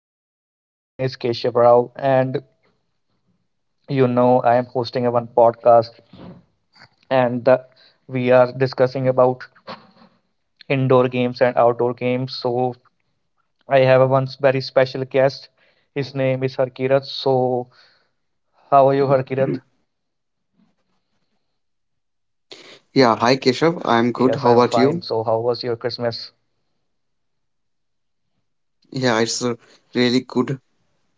everyone. My name is Keshav Rao, and I am hosting a one podcast, and the, we are discussing about indoor games and outdoor games. So I have a one very special guest. His name is Harkirat. So how are you, Harkirat? Yeah, hi Keshav. I'm good. How Yes, about I'm you? fine. So how was your Christmas? Yeah, it's really good,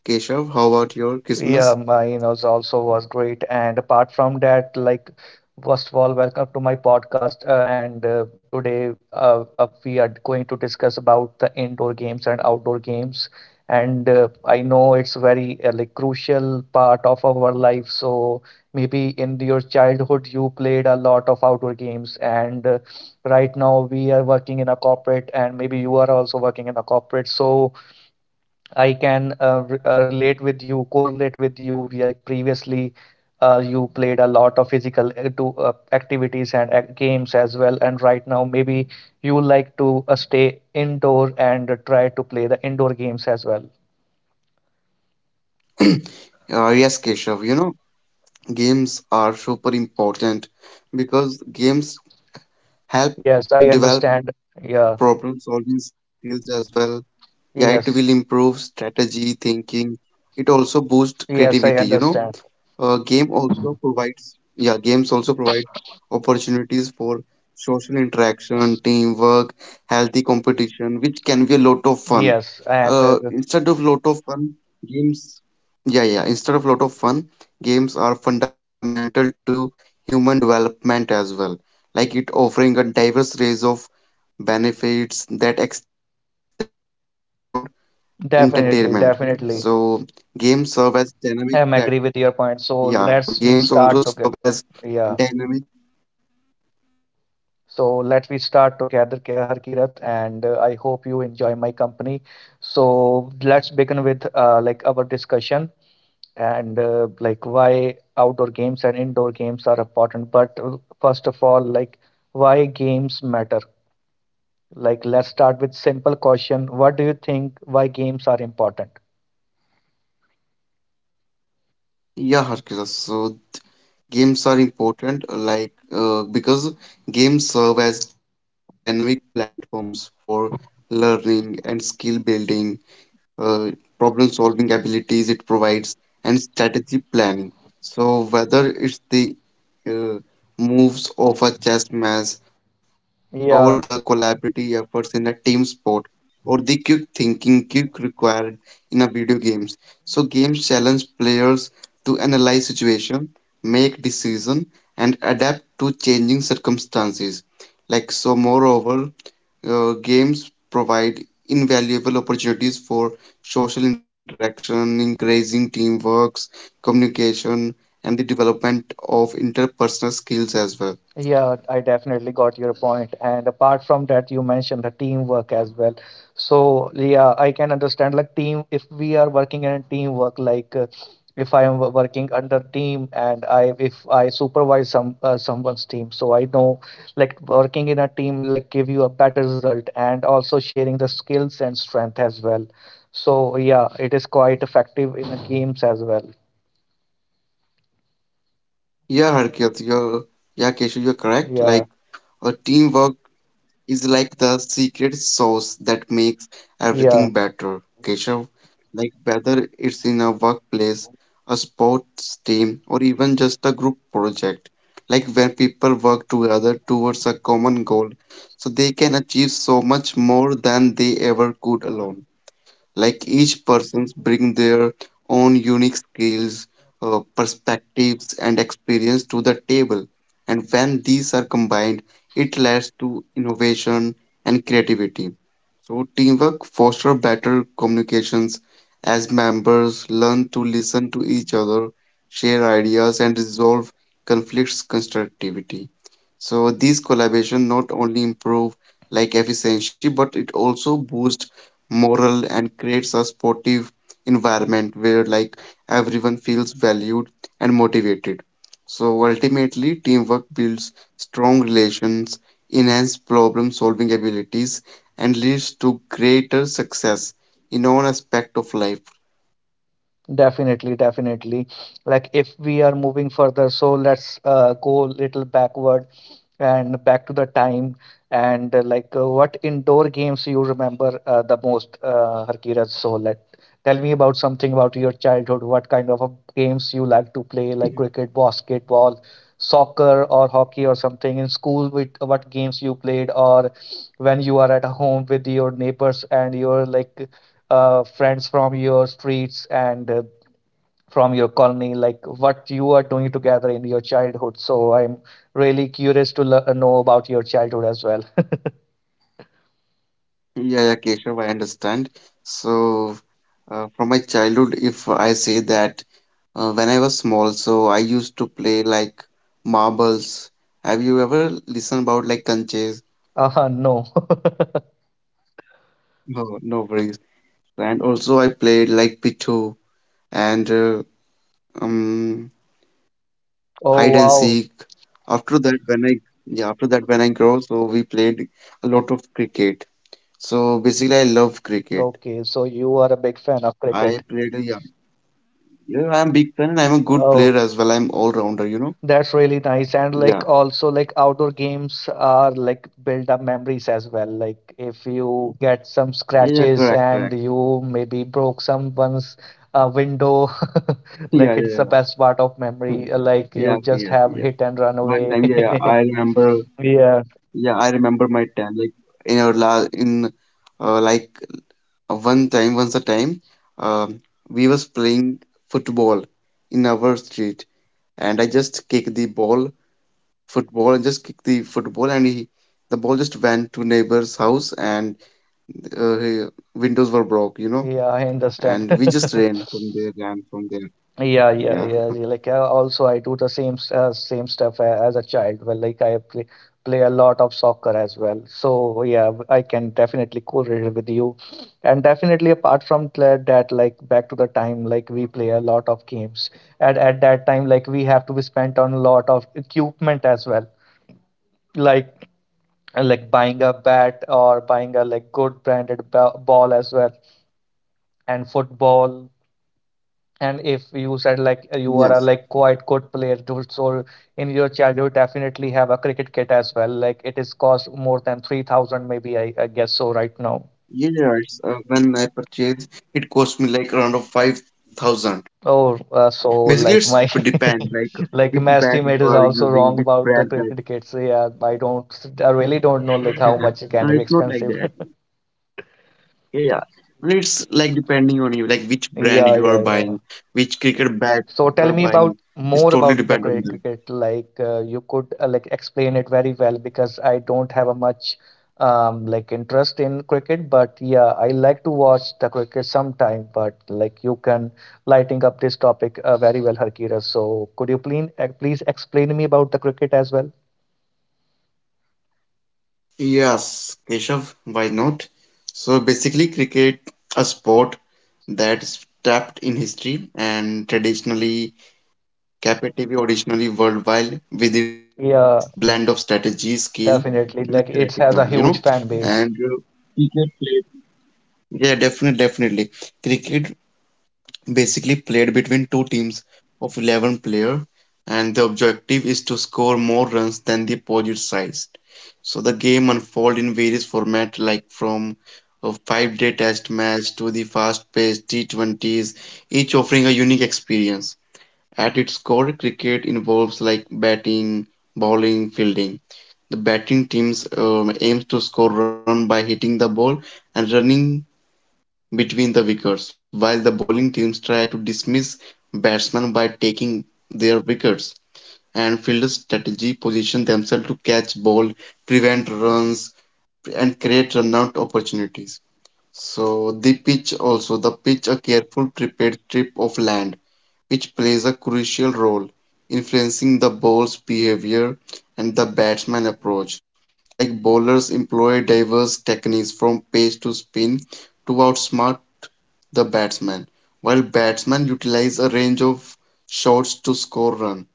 Keshav. How about your Yeah, Christmas? Minos also was great. And apart from that, like, first of all, welcome to my podcast. And today, we are going to discuss about the indoor games and outdoor games. And I know it's very like crucial part of our life. So maybe in your childhood, you played a lot of outdoor games. And right now, we are working in a corporate, and maybe you are also working in a corporate. So I can relate with you, correlate with you. We are previously you played a lot of physical to activities and games as well, and right now maybe you like to stay indoor and try to play the indoor games as well. Yes, Keshav. You know, games are super important because games help Yes, I develop understand. Yeah. problem-solving skills as well. Yeah, it will Yes. improve strategy, thinking. It also boosts Yes, I creativity. understand. Yeah, games also provide opportunities for social interaction, teamwork, healthy competition, which can be a lot of fun. Yes, and Instead of lot of fun, games, Yeah, yeah, instead of lot of fun, games are fundamental to human development as well. Like it offering a diverse range of benefits that extend far beyond entertainment. definitely, So definitely, games serve as dynamic platform. I'm agree with your Yeah, so point. So games also let's serve we as start to get. dynamic. Yeah. So let we start together, Kya Har Kirat, and I hope you enjoy my company. So let's begin with like our discussion and like why outdoor games and indoor games are important. But first of all, like why games matter. Like let's start with simple question. What do you think why games are important? Yeah, Harkira. So games are important, like because games serve as dynamic platforms for learning and skill building, uh, problem solving abilities it provides, and strategy planning. So whether it's the uh, moves of a chess match, or the Yeah, collaborative efforts in a team sport, or the quick thinking quick required in a video games. So games challenge players to analyze situation, make decision, and adapt to changing circumstances. Like, so moreover, games provide invaluable opportunities for social interaction, increasing teamworks, communication, and the development of interpersonal skills as well. yeah, I definitely got your point. And apart from that, you mentioned the teamwork as well. So, yeah, I can understand like team, if we are working in a teamwork, like if I am working under team and I if I supervise some someone's team, so I know like working in a team like give you a better result and also sharing the skills and strength as well. So, yeah, it is quite effective in the games as well. Yeah, Harkit, you're, yeah, Keshu, you're correct. Yeah, Like, a teamwork is like the secret sauce that makes yeah. everything better, Keshav. Like, whether it's in a workplace, a sports team, or even just a group project, like where people work together towards a common goal, so they can achieve so much more than they ever could alone. Like each persons bring their own unique skills, perspectives, and experience to the table. And when these are combined, it leads to innovation and creativity. So teamwork fosters better communications as members learn to listen to each other, share ideas, and resolve conflicts constructivity. So these collaboration not only improve like efficiency, but it also boosts moral and creates a sportive environment where like everyone feels valued and motivated. So ultimately teamwork builds strong relations, enhance problem solving abilities, and leads to greater success in all aspect of life. Definitely, definitely. Like if we are moving further, so let's go little backward and back to the time and what indoor games you remember the most, Harkirat. So let tell me about something about your childhood. What kind of games you like to play, like cricket, basketball, soccer, or hockey, or something in school? With what games you played, or when you are at home with your neighbors and your like friends from your streets and from your colony, like what you are doing together in your childhood. So I'm really curious to know about your childhood as well. Yeah, yeah, Keshav, I understand. So, from my childhood, if I say that when I was small. So I used to play like marbles. Have you ever listened about like conches? No. No, no worries. And also I played like Pitu and um Oh, hide and wow. seek. After that, when I yeah, After that when I grow, so we played a lot of cricket. So basically, I love cricket. Okay, so you are a big fan of I cricket. played a yeah, yeah. I'm big fan and I'm a good Oh, player as well. I'm all rounder, you know. that's really nice. And Yeah, like also like outdoor games are like build up memories as well. Like if you get some yeah, yeah, scratches correct, and correct. you maybe broke someone's window, Yeah, like it's yeah, the yeah. best part of Hmm. memory. Like you Yes, just yes, have yes. hit and run One time, away. yeah, yeah, I remember. Yeah, Yeah, I remember my time. Like in our last, in like one time, once a time, um, we was playing football in our street, and I just kicked the football, and the ball just went to neighbor's house, and uh, he- windows were broke, you know, yeah, I understand. and we just ran from there. Yeah, yeah, Yeah, yeah, yeah. Like also, I do the same same stuff as a child. Well, like I play a lot of soccer as well. So yeah, I can definitely correlate with you, and definitely apart from that, like back to the time, like we play a lot of games. And at that time, like we have to be spent on a lot of equipment as well, like like buying a bat or buying a like good branded ba ball as well, and football. And if you said like you yeah. are a like quite good player, too, so in your childhood definitely have a cricket kit as well. Like it is cost more than 3,000 maybe I guess so right now. Yes, when I purchase, it cost me like around of 5,000. Oh, Basically, it's so like depend my like which bag like you my are estimate is using, which also wrong brand about bag. the cricket kits. Yeah, I really don't know like how much it can be It's not like expensive. that. Yeah, yeah. And it's like depending on you, like which brand you are Yeah, yeah, buying, yeah. which cricket bat So you are tell me buying. about It's more totally about the depend credit on them. cricket. Like you could like explain it very well because I don't have a much like interest in cricket, but yeah, I like to watch the cricket sometime. But like you can lighting up this topic very well, Harkira. So could you please please explain me about the cricket as well? Yes, Keshav, why not? So basically, cricket a sport that's tapped in history and traditionally captivity originally worldwide with its blend of Yeah, strategy, skill, and definitely. Like athleticism, it you has know. a huge fan And base. cricket played. Yeah, definitely, definitely. Cricket basically played between two teams of 11 player, and the objective is to score more runs than the opposite side. So the game unfold in various format, like from a 5-day test match to the fast-paced T20s, each offering a unique experience. At its core, cricket involves like batting, bowling, fielding. The batting teams aims to score run by hitting the ball and running between the wickets, while the bowling teams try to dismiss batsmen by taking their wickets. And fielders strategy position themselves to catch ball, prevent runs, and create runout opportunities. The pitch, a careful prepared strip of land which plays a crucial role influencing the ball's behavior and the batsman approach. Like bowlers employ diverse techniques from pace to spin to outsmart the batsman, while batsmen utilize a range of shots to score runs.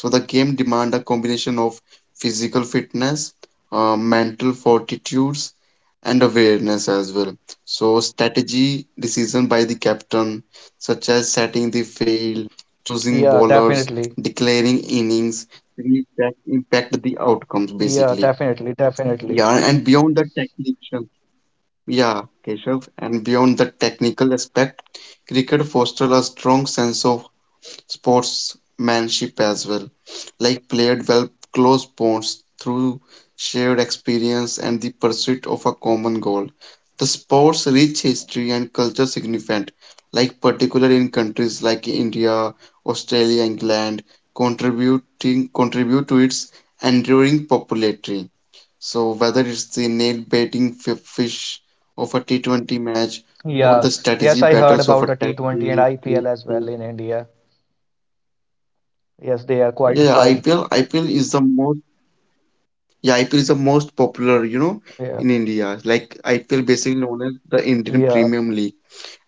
So the game demand a combination of physical fitness, mental fortitudes, and awareness as well. So strategy decision by the captain, such as setting the field, choosing Yeah, bowlers, definitely. declaring innings, will impact the outcomes Yeah, basically. definitely, definitely. Yeah, and beyond the technical, yeah, Keshav, and beyond the technical aspect, cricket fosters a strong sense of sportsmanship as well. Like played well close bonds through shared experience and the pursuit of a common goal. The sport's rich history and culture significant, like particular in countries like India, Australia, England, contributing contribute to its enduring popularity. So whether it's the nail biting fish of a T20 match Yeah. or the Yes, strategy I heard battles about of the a test T20 and series. IPL as well in India. Yes, they are quite Yeah, fam IPL, IPL is the most, yeah, IPL is the most popular, you know, yeah, in India. Like IPL basically known as the Indian yeah, Premium League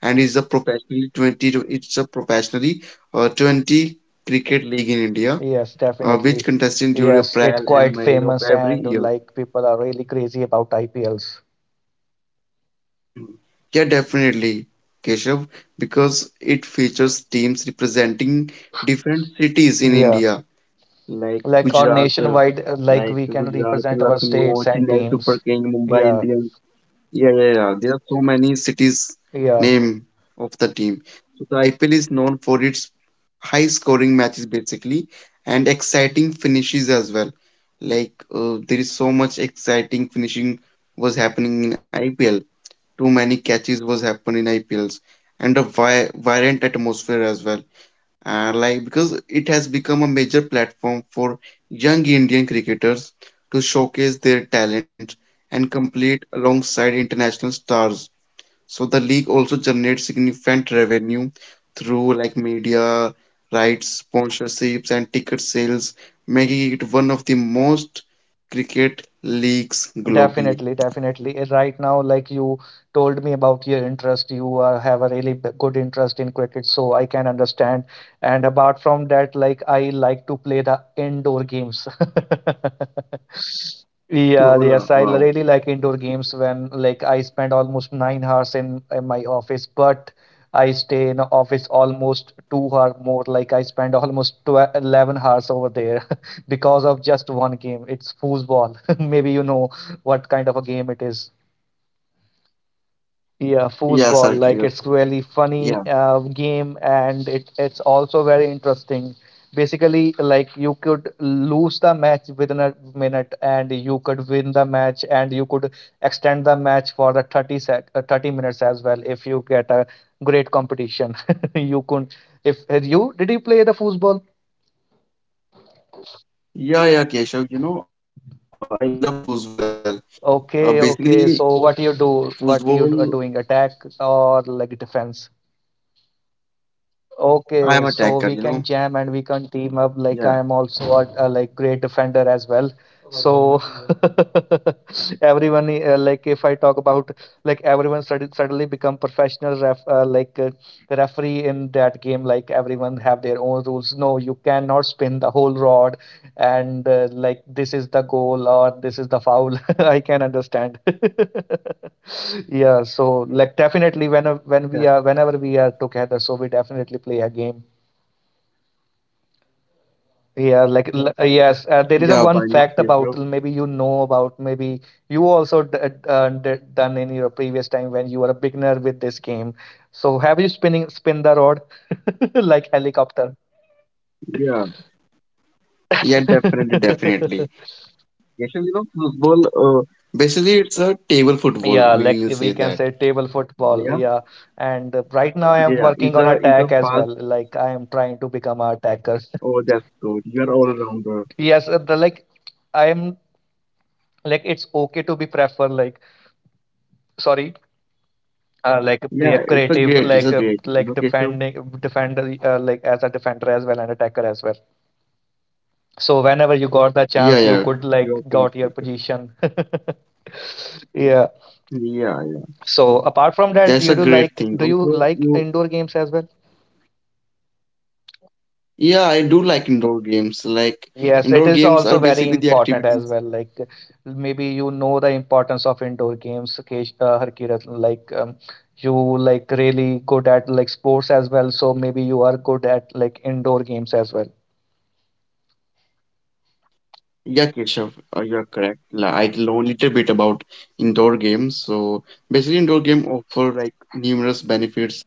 and is a professionally 20, to- it's a professionally 20 cricket league in India, yes, which definitely. contested during Yes, it's April and quite May of famous every and year. like people are really crazy about IPLs. Yeah, definitely, Keshav, because it features teams representing different cities in Yeah, India, like like on Gujarat, uh, nationwide, like like we can Gujarat, represent our Lucknow, states and Chennai Super teams. King, Mumbai Yeah, Indians. Yeah, yeah, yeah. There are so many cities yeah, name of the team. So the IPL is known for its high scoring matches basically and exciting finishes as well. Like there is so much exciting finishing was happening in IPL. Too many catches was happening in IPLs and a vi violent atmosphere as well, like because it has become a major platform for young Indian cricketers to showcase their talent and compete alongside international stars. So the league also generates significant revenue through like media rights, sponsorships, and ticket sales, making it one of the most cricket leagues globally. definitely, definitely. Right now, like you told me about your interest, you have a really good interest in cricket, so I can understand. And apart from that, like I like to play the indoor games. Yeah, Sure, yes, I wow. really like indoor games when like I spend almost 9 hours in my office, but I stay in the office almost 2 hour more. Like I spend almost 12, 11 hours over there because of just one game. It's foosball. Maybe you know what kind of a game it is. Yeah, Yeah, Sarkir. foosball, like it's really Yeah. funny game and it's also very interesting. Basically, like you could lose the match within a minute and you could win the match and you could extend the match for the 30 minutes as well if you get a great competition. You could if have you did you play the foosball? Yeah, yeah, Keshav. You know, I love foosball as well. Basically, Okay, okay. So foosball what you are doing, attack or like defense? I'm a Okay, attacker, you so know. we can jam and we can team Yeah. up. Like I am also a like great defender as well. So everyone like if I talk about like everyone suddenly become professional referee in that game. Like everyone have their own rules. No, you cannot spin the whole rod and like this is the goal or this is the foul. I can understand. Yeah, so like definitely Yeah. when we are whenever we are together, so we definitely play a game. Yeah, like yes, there is a Yeah, why one not fact about Keshav? Maybe you know about maybe you also done in your previous time when you were a beginner with this game. So have you spin the rod like helicopter. Yeah. Yeah, definitely, definitely. Keshav, you know, football, basically it's a table football, Yeah, like we will we say can that. say table football. Yeah. Yeah. And right now I am Yeah, working it's on a, it's a attack as fast, well. Like I am trying to become a attacker. oh, that's good. You're all rounder. Yes, the like I'm like it's okay to be prefer like sorry, like yeah, creative You like know, Keshav? defending defender like as a defender as well and attacker as well. So whenever you got the Yeah, chance, you yeah. could You're like correct, got your Keshav. position. Yeah. Yeah, yeah. So apart from that, That's a you do great like thing. do you like indoor games as well? I do like indoor games. Like, Yes, it indoor is games are also very basically the important as activities. well. Like maybe you know the importance of indoor games, Harkirat. Like you like really good at like sports as well, so maybe you are good at like indoor games as well. Yeah, Keshav, you're correct. Like, I know a little bit about indoor games. So basically, indoor game offer like numerous benefits,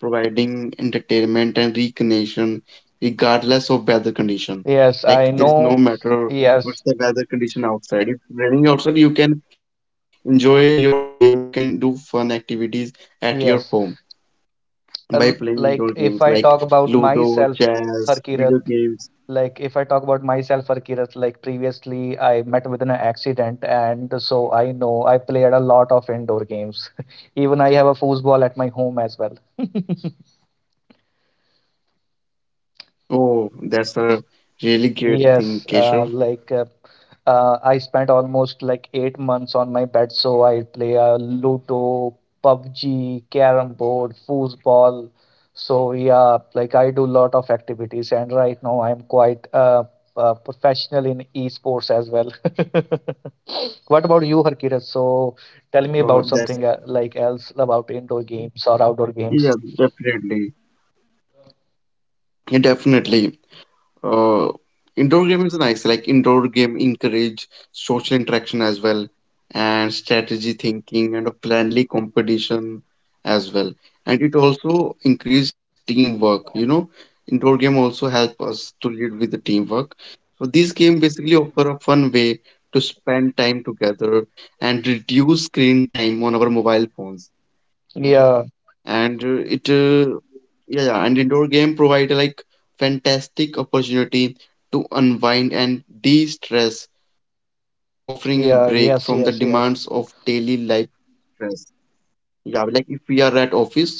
providing entertainment and recreation regardless of weather condition. Yes, I Like there is know. no matter what's Yes, the weather condition outside. If raining outside, you can enjoy your game. You can do fun activities at your home yes. by playing indoor Like if games I like talk about Ludo, myself, chess, Harkirat, video games. like if I talk about myself or like previously I met with an accident and so I know I played a lot of indoor games even I have a foosball at my home as well. Oh, that's a really great thing, Yes, Keshav. I spent almost like 8 months on my bed, so I play Ludo, PUBG, Carrom board, foosball. So yeah, like I do lot of activities, and right now I'm quite professional in esports as well. What about you, Harkirat? So tell me So about that's... something like else about indoor games or outdoor Yeah, games. definitely. Yeah, definitely. Uh, indoor game is nice. Like indoor game encourage social interaction as well, and strategy thinking and a friendly competition as well. And it also increase teamwork. You know, indoor game also help us to lead with the teamwork. So these game basically offer a fun way to spend time together and reduce screen time on our mobile phones. Yeah, And it yeah yeah, and indoor game provide like fantastic opportunity to unwind and de-stress, offering a break from yeah, the yes, demands yes, of yes, daily life stress. Yeah, like if we are at office, so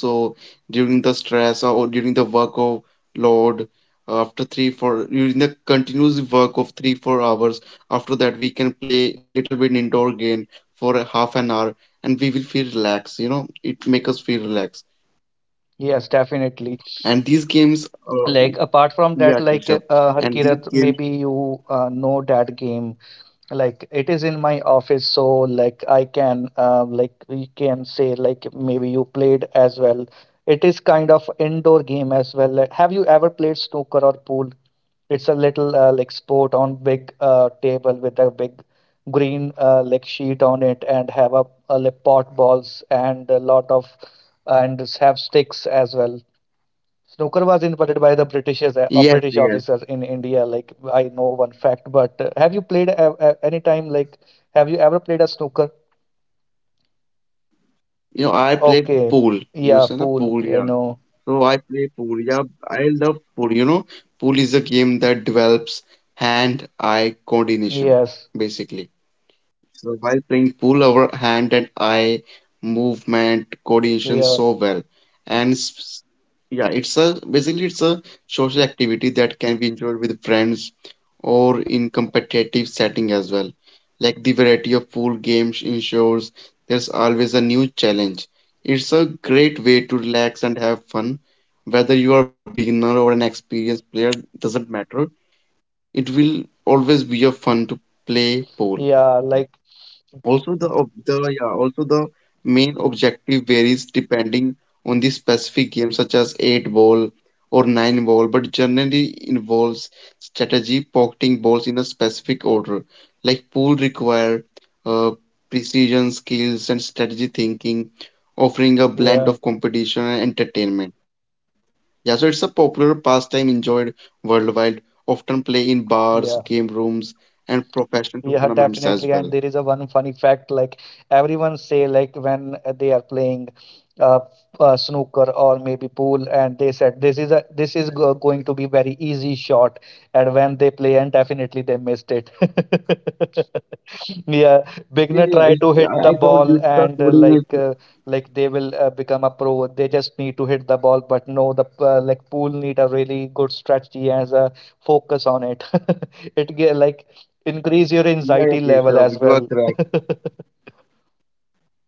during the stress or during the work of load, after 3, 4 during the continuous work of 3, 4 hours, after that we can play little bit indoor game for a half an hour, and we will feel relaxed, you know, it make us feel relaxed. yes, definitely. And these games, uh, Like apart from that, yeah, like Keshav, and these Harkirat, games, maybe you know that game. Like it is in my office, so like I can like we can say like maybe you played as well. It is kind of indoor game as well. Like, have you ever played snooker or pool? It's a little like sport on big table with a big green like sheet on it and have a like pot balls and a lot of and have sticks as well. Snooker was invented by the British as yes, British yes. officers in India. Like I know one fact, but have you played any time? Like, have you ever played a snooker? You know, I played Okay, pool. You yeah, said na pool. pool, You yeah. know, So I play pool. Yeah, I love pool. You know, pool is a game that develops hand-eye coordination, yes, basically. So while playing pool, our hand and eye movement coordination yeah, so well, and s- yeah, it's a basically it's a social activity that can be enjoyed with friends or in competitive setting as well. Like the variety of pool games ensures there's always a new challenge. It's a great way to relax and have fun. Whether you are a beginner or an experienced player, doesn't matter. It will always be a fun to play pool. yeah. Like, Also the ob- the yeah, also the main objective varies depending on the specific game such as 8 ball or 9 ball but generally involves strategy pocketing balls in a specific order like pool require uh, precision skills and strategy thinking offering a blend yeah, of competition and entertainment. Yeah, so it's a popular pastime enjoyed worldwide often play in bars, yeah. game rooms and professional Yeah, tournaments definitely. as And there well. is a one funny fact, like everyone say, like when they are playing uh, snooker or maybe pool, and they said this is a this is go going to be very easy shot, and when they play, and definitely they missed it. Yeah, Yeah, beginner yeah, try it's, to hit I, I the told you ball it's the and coordinates. Like they will become a pro. They just need to hit the ball, but no, the like pool need a really good strategy as a focus on it. Like increase your Yeah, yeah, anxiety level as Keshav, you are well. correct.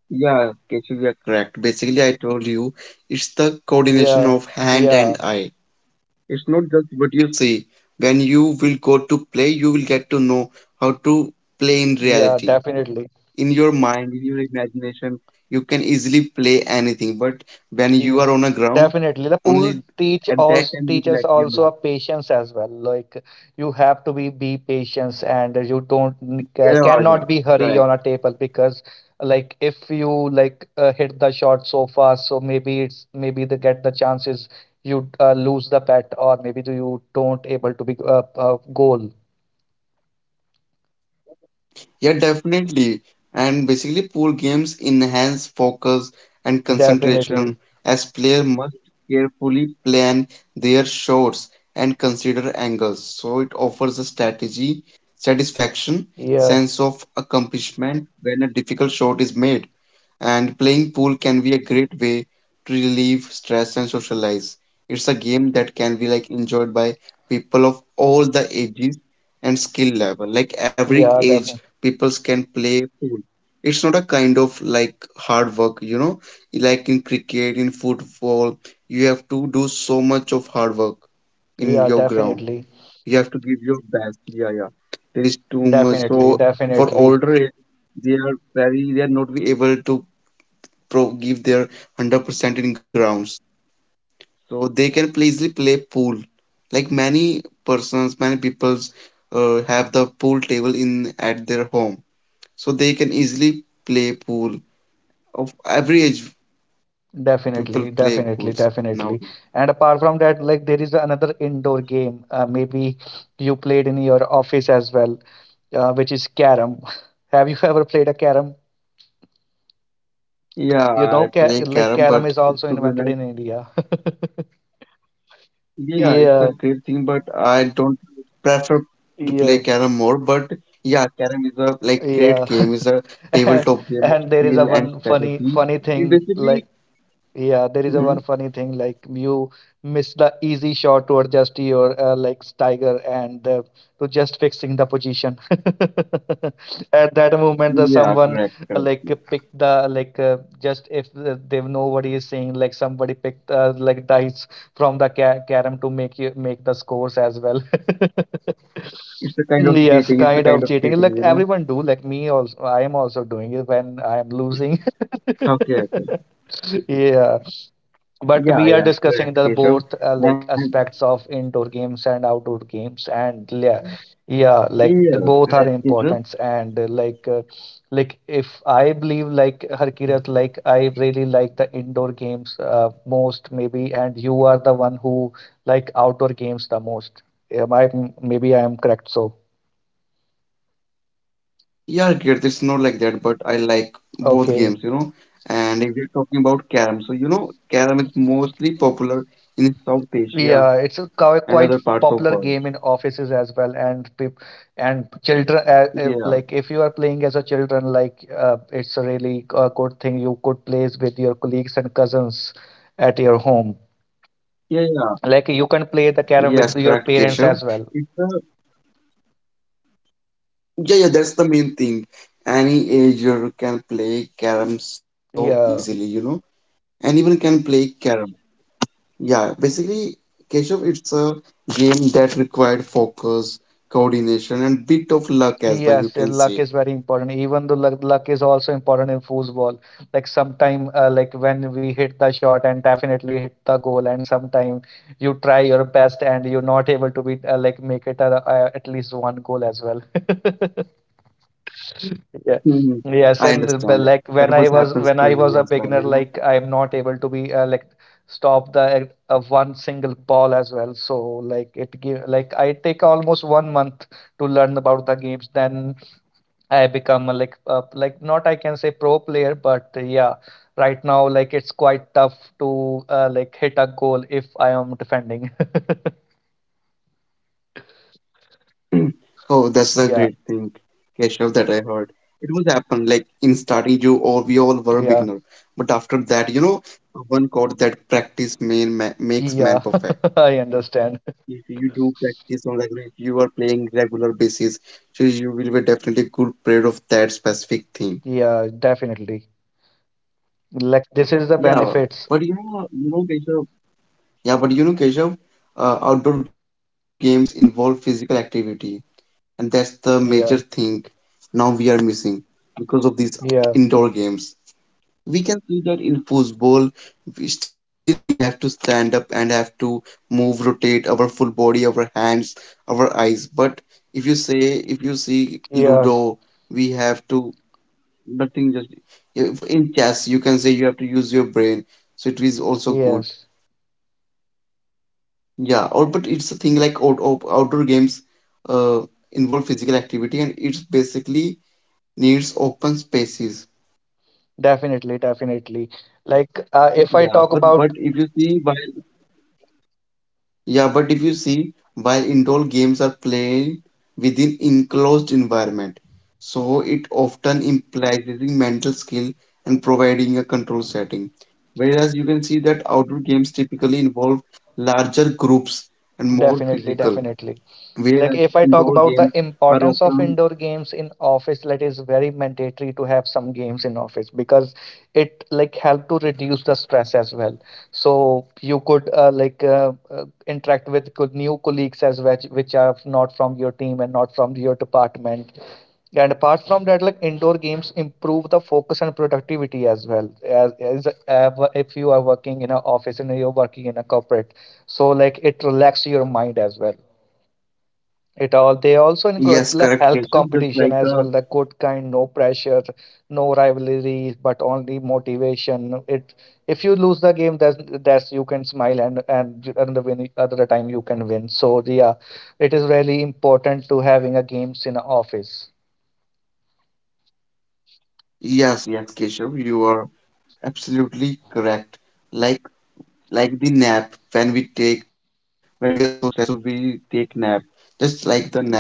Yeah, Keshav, you are correct. Basically, I told you it's the coordination Yeah, of hand and yeah, eye. It's not just what you see. When you will go to play, you will get to know how to play in yeah, reality. definitely. In your mind, in your imagination, you can easily play anything. But when you are Yes, on a ground, definitely. The pool only teach at that also time you will teaches like, you also know. a patience as well. Like you have to be patience and you don't n- Yeah, ca- yeah, cannot be correct. hurry on a table because like if you hit the shot so fast, so maybe they get the chances you lose the bet or maybe do you don't able to be goal. Yeah, definitely. And basically, pool games enhance focus and Definitely. concentration as players must carefully plan their shots and consider angles. So it offers a strategy, satisfaction, Yeah. sense of accomplishment when a difficult shot is made. And playing pool can be a great way to relieve stress and socialize. It's a game that can be like enjoyed by people of all the ages and skill level. Like every Yeah. age, Definitely. peoples can play pool. It's not a kind of like hard work, you know, like in cricket, in football, you have to do so much of hard work in Yeah. your ground. Definitely. You have to give your best. Yeah, yeah. There is too much. Definitely. So for Definitely. older age, they are very, they are not be able to pro give their 100% in grounds. So they can play, easily play pool. Like many persons, many peoples have the pool table in at their home. So they can easily play pool. Of every age, people Definitely, play pools definitely, definitely. nowadays. And apart from that, like there is another indoor game. Maybe you played in your office as well, which is carom. Have you ever played a carom? Yeah, You know, I ca play like carom, carom but is also to be invented honest, in India. yeah, it's a Yeah, great thing, but I don't prefer to play yeah, carom more. But yeah, carom is a like great yeah. game. Is a And, tabletop game of and there is a skill and one funny, strategy. funny It thing basically, like yeah, there is a Mhm. one funny thing like you miss the easy shot to adjust your legs, Tiger, and to just fixing the position. At that moment, the Yeah, someone correct, correct. Pick the like just if they nobody is saying like somebody picked like dice from the ca carom to make you make the scores as well. It's the kind of Yes, cheating. It's the kind kind of of cheating. cheating, Like you know. everyone do, like me also. I am also doing it when I am losing. Okay, okay. Yeah, but Yeah, we are yeah, discussing correct, the Keshav. both like And aspects of indoor games and outdoor games. And yeah yeah, like yeah, the both correct, are Keshav. important and like if I believe like Harkirat, like I really like the indoor games most maybe, and you are the one who like outdoor games the most. Am I, maybe I am correct? So Yeah, Kirt, it's not like that, but I like both okay. games, you know. And if we're talking about Karam, so you know, Karam is mostly popular in South Asia Yeah, it's a and other quite parts of world. popular game in offices as well, and peop and children. Yeah, Like if you are playing as a children, like it's a really good thing you could play with your colleagues and cousins at your home. yeah, yeah. Like you can play the Yes, carrom correct, with your Keshav. parents as It's well. a, yeah, yeah, that's the main thing. Any ager can play Karam so easily, Yeah. you know. Anyone can play Karam. Yeah, basically, Keshav, it's a game that required focus, coordination, and bit of luck as well, you Yes, yeah, can luck say. is very important. Even though luck, luck is also important in foosball. Like sometime, like when we hit the shot and definitely hit the goal, and sometime you try your best and you're not able to be like make it at least one goal as well. Yeah. Hmm, Yes, and I like understand. That was when happens I to was a me as beginner, well, like you I'm not able to be like stop the one single ball as well. So like it give like I take almost 1 month to learn about the games. Then I become a like not, I can say, pro player, but yeah, right now like it's quite tough to like hit a goal if I am defending. know. Oh, that's a great Yeah, thing, Keshav, that I heard. It was happen like in starting you all we all were a beginner, yeah, but after that, you know, one quote that practice man ma makes man yeah. perfect. I understand. If you do practice on regular, if you are playing regular basis, so you will be definitely good player of that specific thing. Yeah, definitely. Like this is the Yeah, benefits. but you know, Keshav. Yeah, but you know, Keshav, outdoor games involve physical activity, and that's the major thing Yeah, now we are missing because of these yeah, indoor games. We can see that in football still we have to stand up and have to move rotate our full body, our hands, our eyes. But if you say, if you see ludo, yes, we have to nothing, just if in chess you can say you have to use your brain, so it is also good. yes. Yeah, or but it's a thing like outdoor games uh, involve physical activity and it's basically needs open spaces. Definitely, definitely. Like if I Yeah, talk but about but if you see by, yeah, but if you see, while indoor games are played within enclosed environment, so it often implies using mental skill and providing a control setting. Whereas you can see that outdoor games typically involve larger groups and more Definitely, physical, definitely. Like whereas if I talk indoor about the games are importance of often, indoor games in office, that is very mandatory to have some games in office because it like help to reduce the stress as well. So you could interact with new colleagues as well, which are not from your team and not from your department. And apart from that, like indoor games improve the focus and productivity as well. If you are working in an office and you're working in a corporate, so like it relax your mind as well it all. They also encourage the yes, health correct, Keshav, just competition as like well, the a, good kind, no pressure, no rivalries, but only motivation. It If you lose the game, that's you can smile, and another win another time you can win. So yeah, it is really important to having a games in a office. yes, yes, Keshav, you are absolutely correct. Like like the nap when we take, when we are so stressed so we take nap, just like the nap,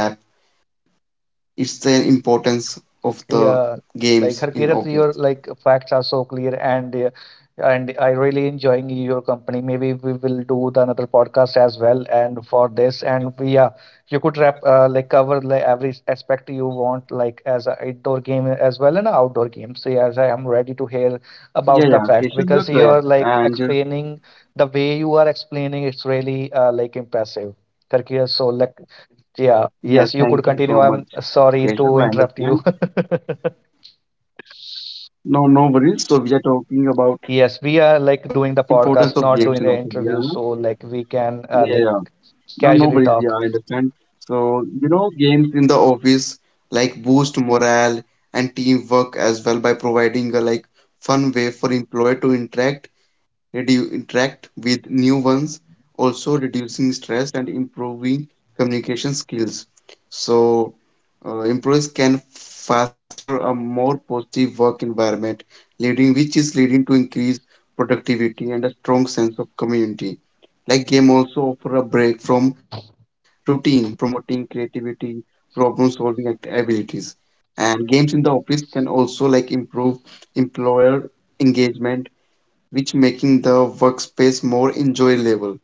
it's the importance of the Yeah, like games in Harkirat, office. your like facts are so clear, and I really enjoying your company. Maybe we will do the another podcast as well. And for this, and we yeah, you could wrap like cover like every aspect you want, like as a indoor game as well and a outdoor game. So yes, I am ready to hear Yeah, about the yeah, fact Keshav, you're because you are correct. like And explaining the way you are explaining. It's really like impressive. Karkia, so like yeah, yes, yeah, you could thank you continue. so I'm much, sorry to Keshav, I interrupt you. understand. No, no worries. So we are talking about Yes, we uh, are like doing the importance of games podcast, in not office. doing the Yeah, interview, so like we can yeah, yeah. like No, no worries. casually Yeah, I talk. understand. So, you know, games in the office like boost morale and teamwork as well by providing a like fun way for employee to interact, interact with new ones, also reducing stress and improving communication skills. So, employees can foster a more positive work environment, leading which is leading to increased productivity and a strong sense of community. Like game also offer a break from routine, promoting creativity, problem solving abilities. And games in the office can also like improve employer engagement, which making the workspace more enjoyable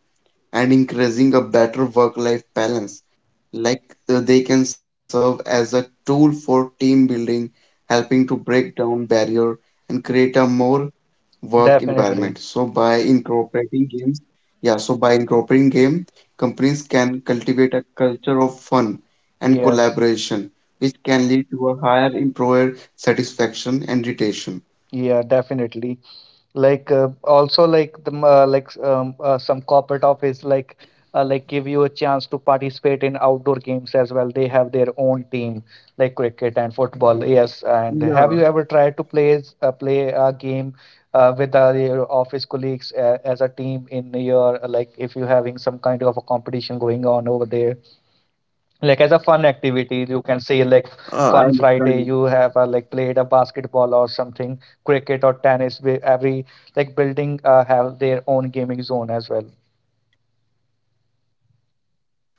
and encouraging a better work-life balance. Like they can serve as a tool for team building, helping to break down barrier and create a more work environment. Definitely. So by incorporating game, companies can cultivate a culture of fun and Yes. collaboration, which can lead to a higher employer satisfaction and retention. Yeah, definitely. Like also like the some corporate office like give you a chance to participate in outdoor games as well. They have their own team like cricket and football. Yes, and have you Yeah, ever tried to play play a game with your office colleagues as a team in your like if you're having some kind of a competition going on over there, like as a fun activity you can say, like I fun understand. Friday, you have like played a basketball or something, cricket or tennis, where every like building have their own gaming zone as well.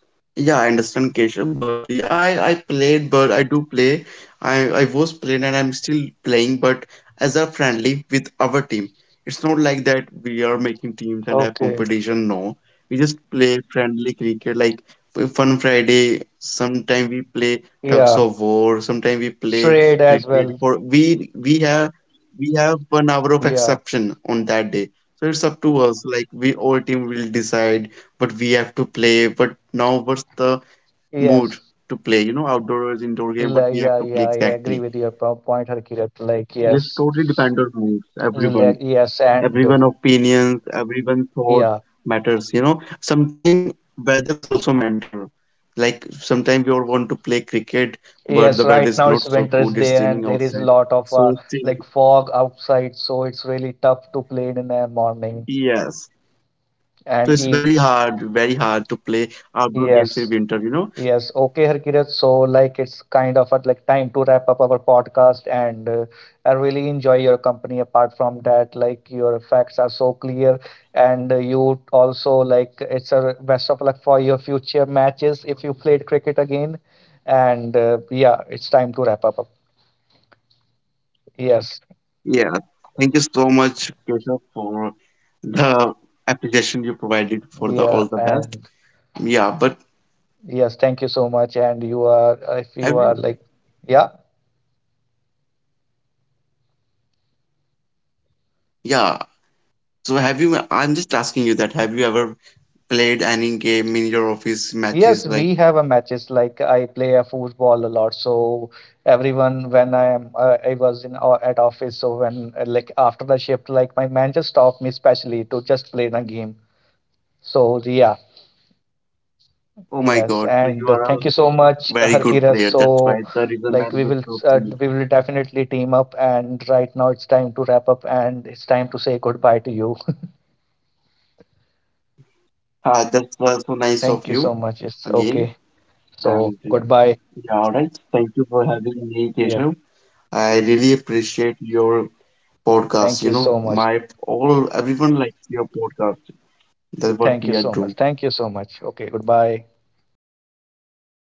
Yeah, I understand, Keshav, but yeah, I played, but I do play. I was playing and I'm still playing, but as a friendly with our team. It's not like that we are making teams and have Okay, competition. No, we just play friendly cricket, like Fun Friday. Sometime we play Tugs yeah, of War. Sometime we play trade as cricket. well. For we have we have one hour of Yeah, exception on that day, so it's up to us. Like we all team will decide, but we have to play. But now, what's the mood yes. to play? You know, outdoors, indoor game, what we have Yeah, to play yeah, I agree exactly. with your point, Harkirat. Like Just yes. totally depend on moods, Like, everyone. yes, and Everyone opinions, everyone thoughts yeah, matters, you know. Sometimes weather's also matter. Like sometimes you all want to play cricket, but the yes, weather right is now not it's so winter is good, it's there, and raining there is a outside. lot of So like still, fog outside, so it's really tough to play in the morning. yes. So And it's e very hard to play outdoor games yes, in winter, you know? yes. Okay, Harkirat. So, like, it's kind of a, like time to wrap up our podcast. And I really enjoy your company. Apart from that, like, your facts are so clear, and you also like it's a best of luck for your future matches if you played cricket again. And yeah, it's time to wrap up. Yes, Yeah. Thank you so much, Keshav, for the appreciation you provided for the yeah, all the and best. Yeah, but yes. Thank you so much. And you are, if you have are you? like, yeah. Yeah, so have you? I'm just asking you that. Have you ever played any game in your office matches? Yes, Like, we have a matches like I play a football a lot. So everyone when I was in at office. So when like after the shift, like my manager stopped me specially to just play the game. So yeah, oh my God, so you yes, are a and thank you so very much, good player. That's Harkiras. why the So reason man was so you. We will definitely team up. And right now it's time to wrap up and it's time to say goodbye to you. Ah, that's was so Thank you so nice of much. you It's okay. again. So And goodbye. yeah, all right. Thank you for having Yeah, me, Keshav. I really appreciate your thank you so podcast. You much. know, my all everyone likes your podcast. Thank That's you what so we much. are Thank you doing. so much. Okay, goodbye.